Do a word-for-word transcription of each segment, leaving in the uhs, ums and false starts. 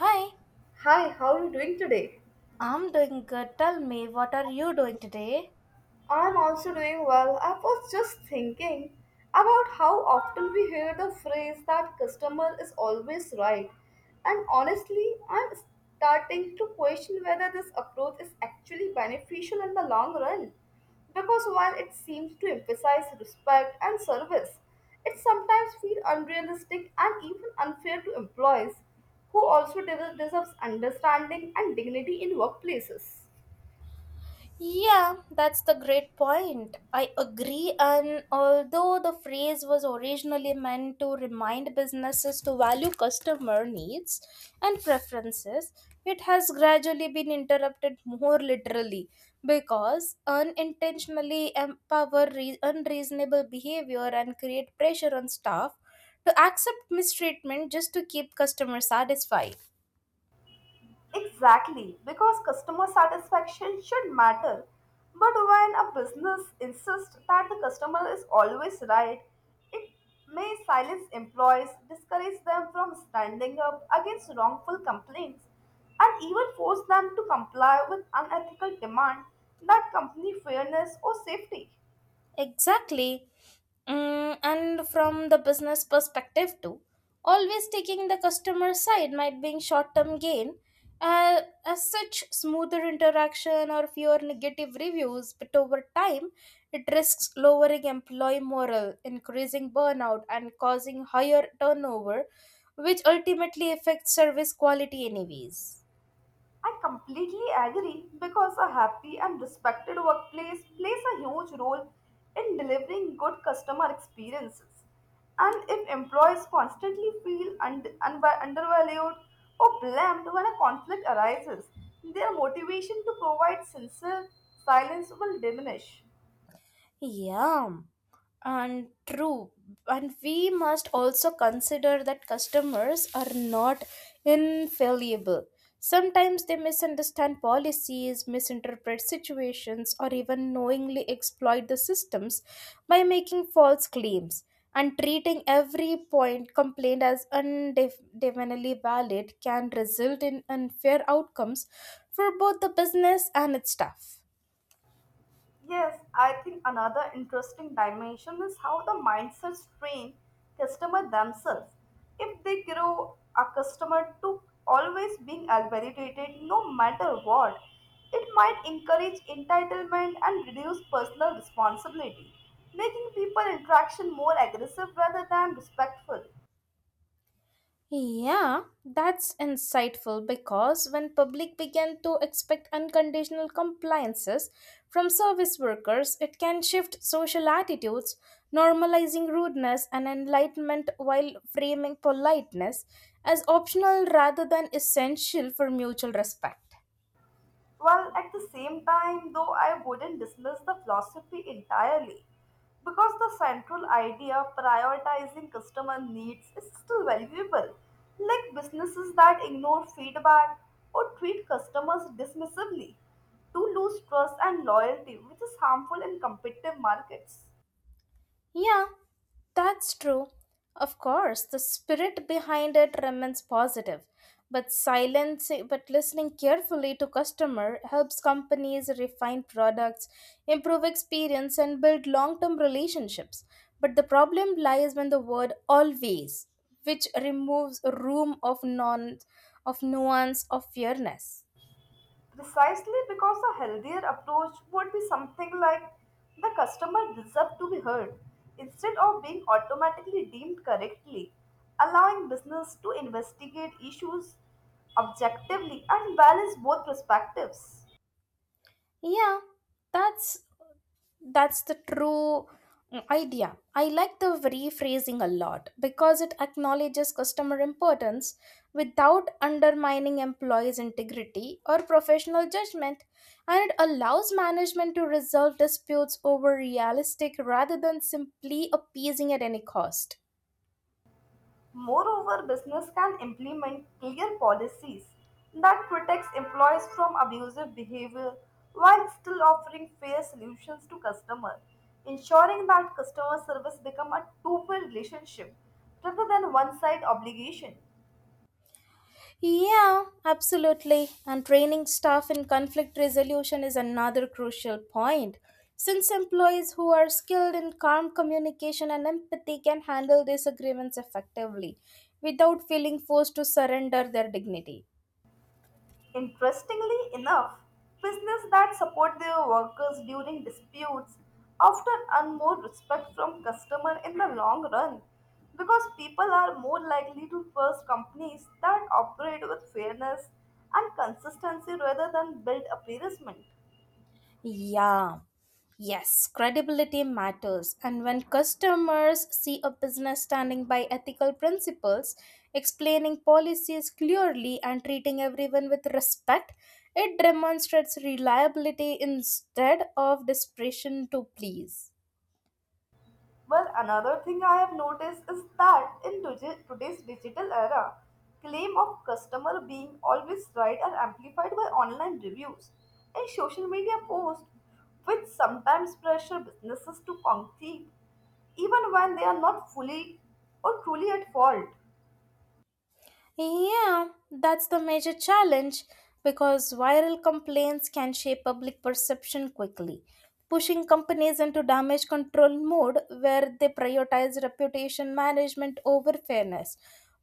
Hi, Hi, how are you doing today? I'm doing good. Tell me, what are you doing today? I'm also doing well. I was just thinking about how often we hear the phrase that customer is always right. And honestly, I'm starting to question whether this approach is actually beneficial in the long run. Because while it seems to emphasize respect and service, it sometimes feels unrealistic and even unfair to employees who also deserve deserves understanding and dignity in workplaces. Yeah, that's the great point. I agree, and although the phrase was originally meant to remind businesses to value customer needs and preferences, it has gradually been interrupted more literally because unintentionally empower re- unreasonable behavior and create pressure on staff to accept mistreatment just to keep customers satisfied. Exactly, because customer satisfaction should matter. But when a business insists that the customer is always right, it may silence employees, discourage them from standing up against wrongful complaints, and even force them to comply with unethical demand that company fairness or safety. Exactly. Mm, and from the business perspective too, always taking the customer side might bring short-term gain. Uh, as such, smoother interaction or fewer negative reviews, but over time, it risks lowering employee morale, increasing burnout, and causing higher turnover, which ultimately affects service quality anyways. I completely agree because a happy and respected workplace plays a huge role in delivering good customer experiences. And if employees constantly feel und- unva- undervalued or blamed when a conflict arises, their motivation to provide sincere silence will diminish. Yeah. And true, and we must also consider that customers are not infallible. Sometimes they misunderstand policies, misinterpret situations, or even knowingly exploit the systems by making false claims. And treating every point complaint as undefinitely valid can result in unfair outcomes for both the business and its staff. Yes, I think another interesting dimension is how the mindsets train customer themselves. If they grow accustomed to always being validated no matter what, it might encourage entitlement and reduce personal responsibility, making people interaction more aggressive rather than respectful. Yeah, that's insightful because when public began to expect unconditional compliances from service workers, it can shift social attitudes, normalizing rudeness and enlightenment while framing politeness as optional rather than essential for mutual respect. Well, at the same time, though, I wouldn't dismiss the philosophy entirely because the central idea prioritizing customer needs is still valuable. Like businesses that ignore feedback or treat customers dismissively do lose trust and loyalty, which is harmful in competitive markets. Yeah, that's true. Of course, the spirit behind it remains positive, but silence but listening carefully to customer helps companies refine products, improve experience and build long-term relationships. But the problem lies when the word always, which removes room of non of nuance of fairness. Precisely, because a healthier approach would be something like the customer deserves to be heard instead of being automatically deemed correctly, allowing business to investigate issues objectively and balance both perspectives. Yeah, that's that's the true mm, idea. I like the rephrasing a lot because it acknowledges customer importance without undermining employees integrity or professional judgment, and it allows management to resolve disputes over realistic rather than simply appeasing at any cost. Moreover, business can implement clear policies that protects employees from abusive behavior while still offering fair solutions to customers, ensuring that customer service become a two-way relationship rather than one-side obligation. Yeah, absolutely. And training staff in conflict resolution is another crucial point. Since employees who are skilled in calm communication and empathy can handle disagreements effectively without feeling forced to surrender their dignity. Interestingly enough, businesses that support their workers during disputes often earn more respect from customers in the long run, because people are more likely to trust companies that operate with fairness and consistency rather than build appeasement. Yeah. Yes, credibility matters. And when customers see a business standing by ethical principles, explaining policies clearly, and treating everyone with respect, it demonstrates reliability instead of desperation to please. Well, another thing I have noticed is that in today- today's digital era, claim of customer being always right are amplified by online reviews and social media posts, which sometimes pressure businesses to compete even when they are not fully or truly at fault. Yeah, that's the major challenge because viral complaints can shape public perception quickly, pushing companies into damage control mode where they prioritize reputation management over fairness,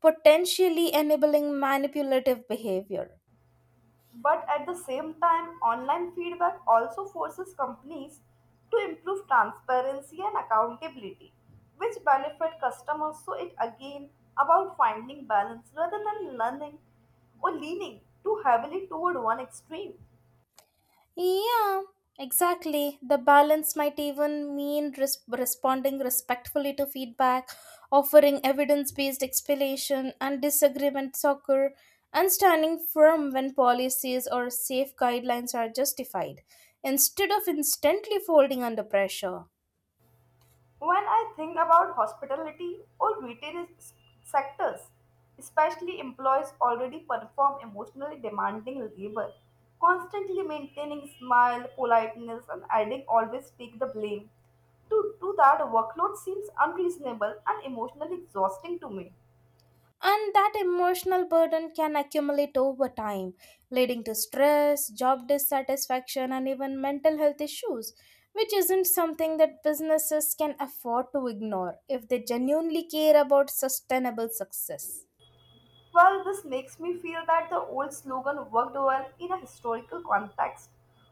potentially enabling manipulative behavior. But at the same time, online feedback also forces companies to improve transparency and accountability, which benefit customers. So it again about finding balance rather than learning or leaning too heavily toward one extreme. Yeah, exactly. The balance might even mean res- responding respectfully to feedback, offering evidence based explanation, and disagreement occur, and standing firm when policies or safe guidelines are justified, instead of instantly folding under pressure. When I think about hospitality or retail s- sectors, especially employees already perform emotionally demanding labor, constantly maintaining smile, politeness, and adding always take the blame. To do that, workload seems unreasonable and emotionally exhausting to me. And that emotional burden can accumulate over time, leading to stress, job dissatisfaction, and even mental health issues, which isn't something that businesses can afford to ignore if they genuinely care about sustainable success. Well, this makes me feel that the old slogan worked well in a historical context,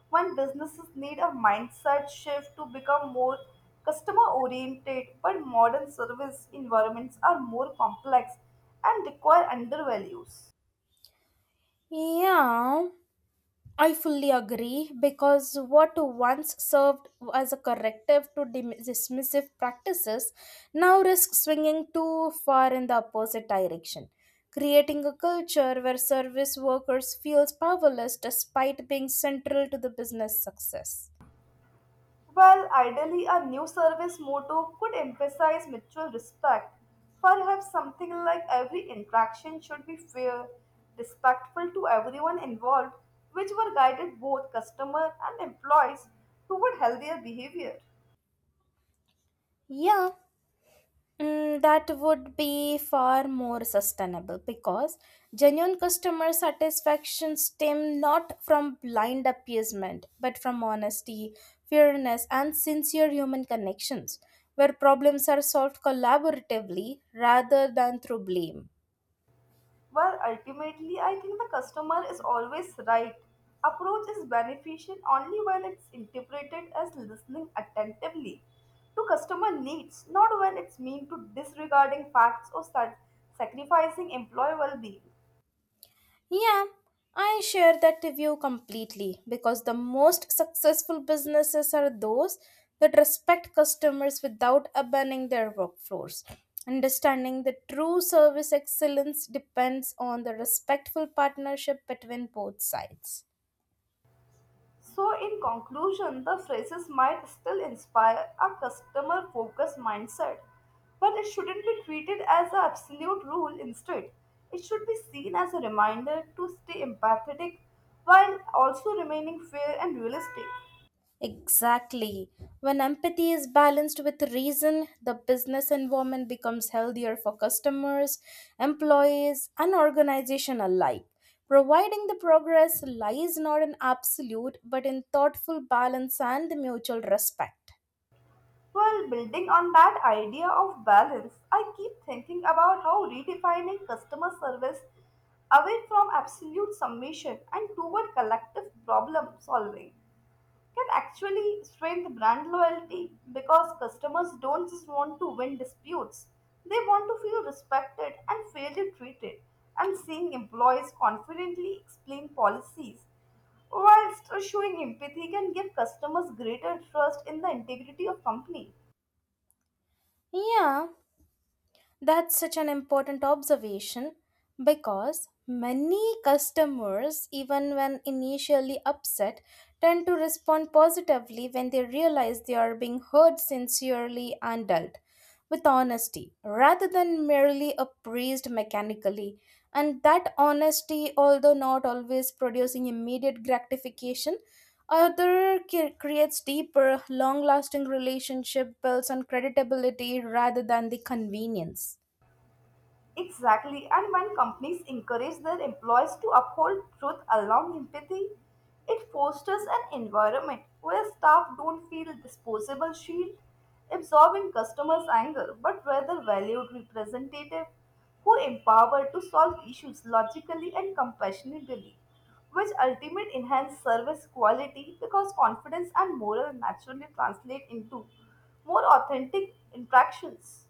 when businesses need a mindset shift to become more customer oriented, but modern service environments are more complex and require undervalues. Yeah. I fully agree because what once served as a corrective to dim- dismissive practices now risks swinging too far in the opposite direction, creating a culture where service workers feels powerless despite being central to the business success. Well, ideally, a new service motto could emphasize mutual respect. Perhaps something like every interaction should be fair, respectful to everyone involved, which were guided both customer and employees toward healthier behavior. Yeah, Mm, that would be far more sustainable because genuine customer satisfaction stem not from blind appeasement but from honesty, fairness, and sincere human connections where problems are solved collaboratively rather than through blame. Well, ultimately, I think the customer is always right. Approach is beneficial only when it's interpreted as listening attentively to customer needs, not when it's mean to disregarding facts or sac- sacrificing employee well-being. Yeah, I share that view completely because the most successful businesses are those that respect customers without abandoning their workflows. Understanding the true service excellence depends on the respectful partnership between both sides. So, in conclusion, the phrases might still inspire a customer focused mindset, but it shouldn't be treated as an absolute rule. Instead, it should be seen as a reminder to stay empathetic while also remaining fair and realistic. Exactly. When empathy is balanced with reason, the business environment becomes healthier for customers, employees, and organization alike. Providing the progress lies not in absolute but in thoughtful balance and the mutual respect. While building on that idea of balance, I keep thinking about how redefining customer service away from absolute submission and toward collective problem solving can actually strengthen brand loyalty, because customers don't just want to win disputes, they want to feel respected and fairly treated. And seeing employees confidently explain policies while still showing empathy can give customers greater trust in the integrity of company. Yeah, that's such an important observation because many customers, even when initially upset, tend to respond positively when they realize they are being heard sincerely and dealt with honesty rather than merely appraised mechanically. And that honesty, although not always producing immediate gratification, other ca- creates deeper, long-lasting relationship built on credibility rather than the convenience. Exactly, and when companies encourage their employees to uphold truth along empathy, it fosters an environment where staff don't feel disposable shield, absorbing customers' anger, but rather valued representative who empower to solve issues logically and compassionately, which ultimate enhance service quality, because confidence and morale naturally translate into more authentic interactions.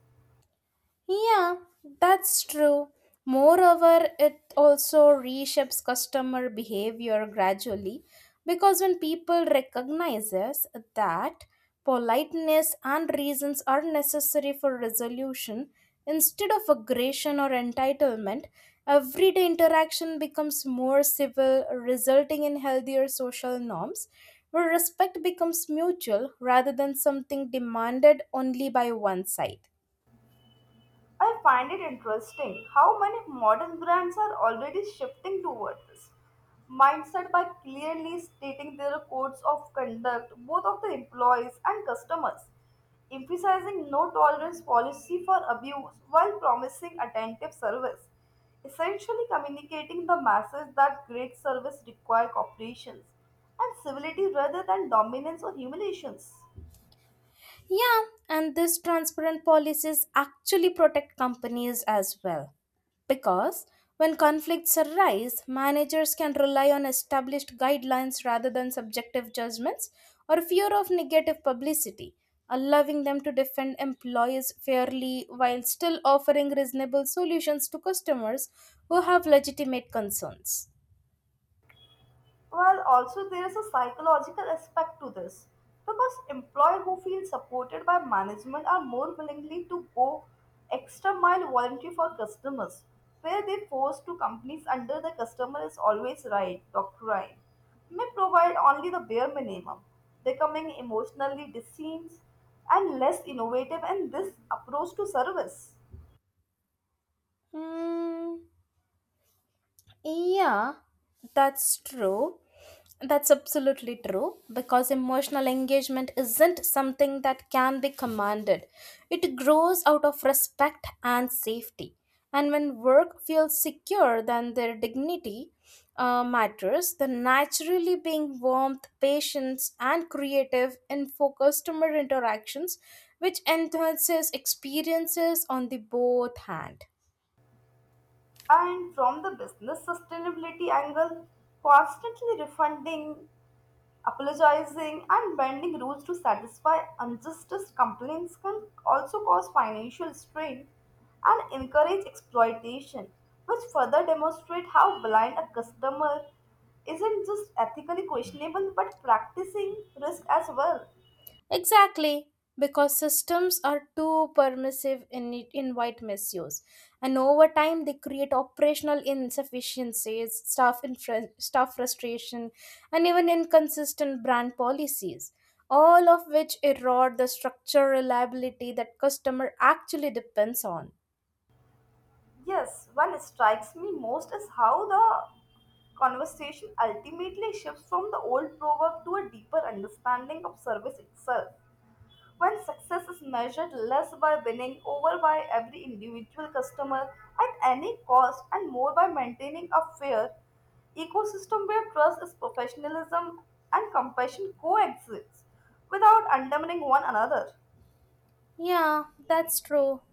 Yeah, that's true. Moreover, it also reshapes customer behavior gradually because when people recognizes that politeness and reasons are necessary for resolution instead of aggression or entitlement, everyday interaction becomes more civil, resulting in healthier social norms where respect becomes mutual rather than something demanded only by one side. I find it interesting how many modern brands are already shifting toward this mindset by clearly stating their codes of conduct, both of the employees and customers, emphasizing no tolerance policy for abuse while promising attentive service, essentially communicating the message that great service requires cooperation and civility rather than dominance or humiliations. Yeah, and these transparent policies actually protect companies as well. Because when conflicts arise, managers can rely on established guidelines rather than subjective judgments or fear of negative publicity, allowing them to defend employees fairly while still offering reasonable solutions to customers who have legitimate concerns. Well, also there is a psychological aspect to this, because employees who feel supported by management are more willingly to go extra mile volunteer for customers, where they force to companies under the customer is always right doctrine may provide only the bare minimum, becoming emotionally diseased and less innovative in this approach to service. Hmm. Yeah, that's true. That's absolutely true because emotional engagement isn't something that can be commanded. It grows out of respect and safety. And when work feels secure, then their dignity uh, matters, then naturally being warmth, patience, and creative in for customer interactions, which enhances experiences on the both hand. And from the business sustainability angle, constantly refunding, apologizing and bending rules to satisfy unjustice complaints can also cause financial strain and encourage exploitation, which further demonstrate how blind a customer isn't just ethically questionable but practicing risk as well. Exactly, because systems are too permissive in it invite misuse, and over time they create operational insufficiencies, staff infra- staff frustration, and even inconsistent brand policies. All of which erode the structural reliability that customer actually depends on. Yes, what strikes me most is how the conversation ultimately shifts from the old proverb to a deeper understanding of service itself. When success is measured less by winning over by every individual customer at any cost and more by maintaining a fair ecosystem where trust is professionalism and compassion coexist without undermining one another. Yeah, that's true.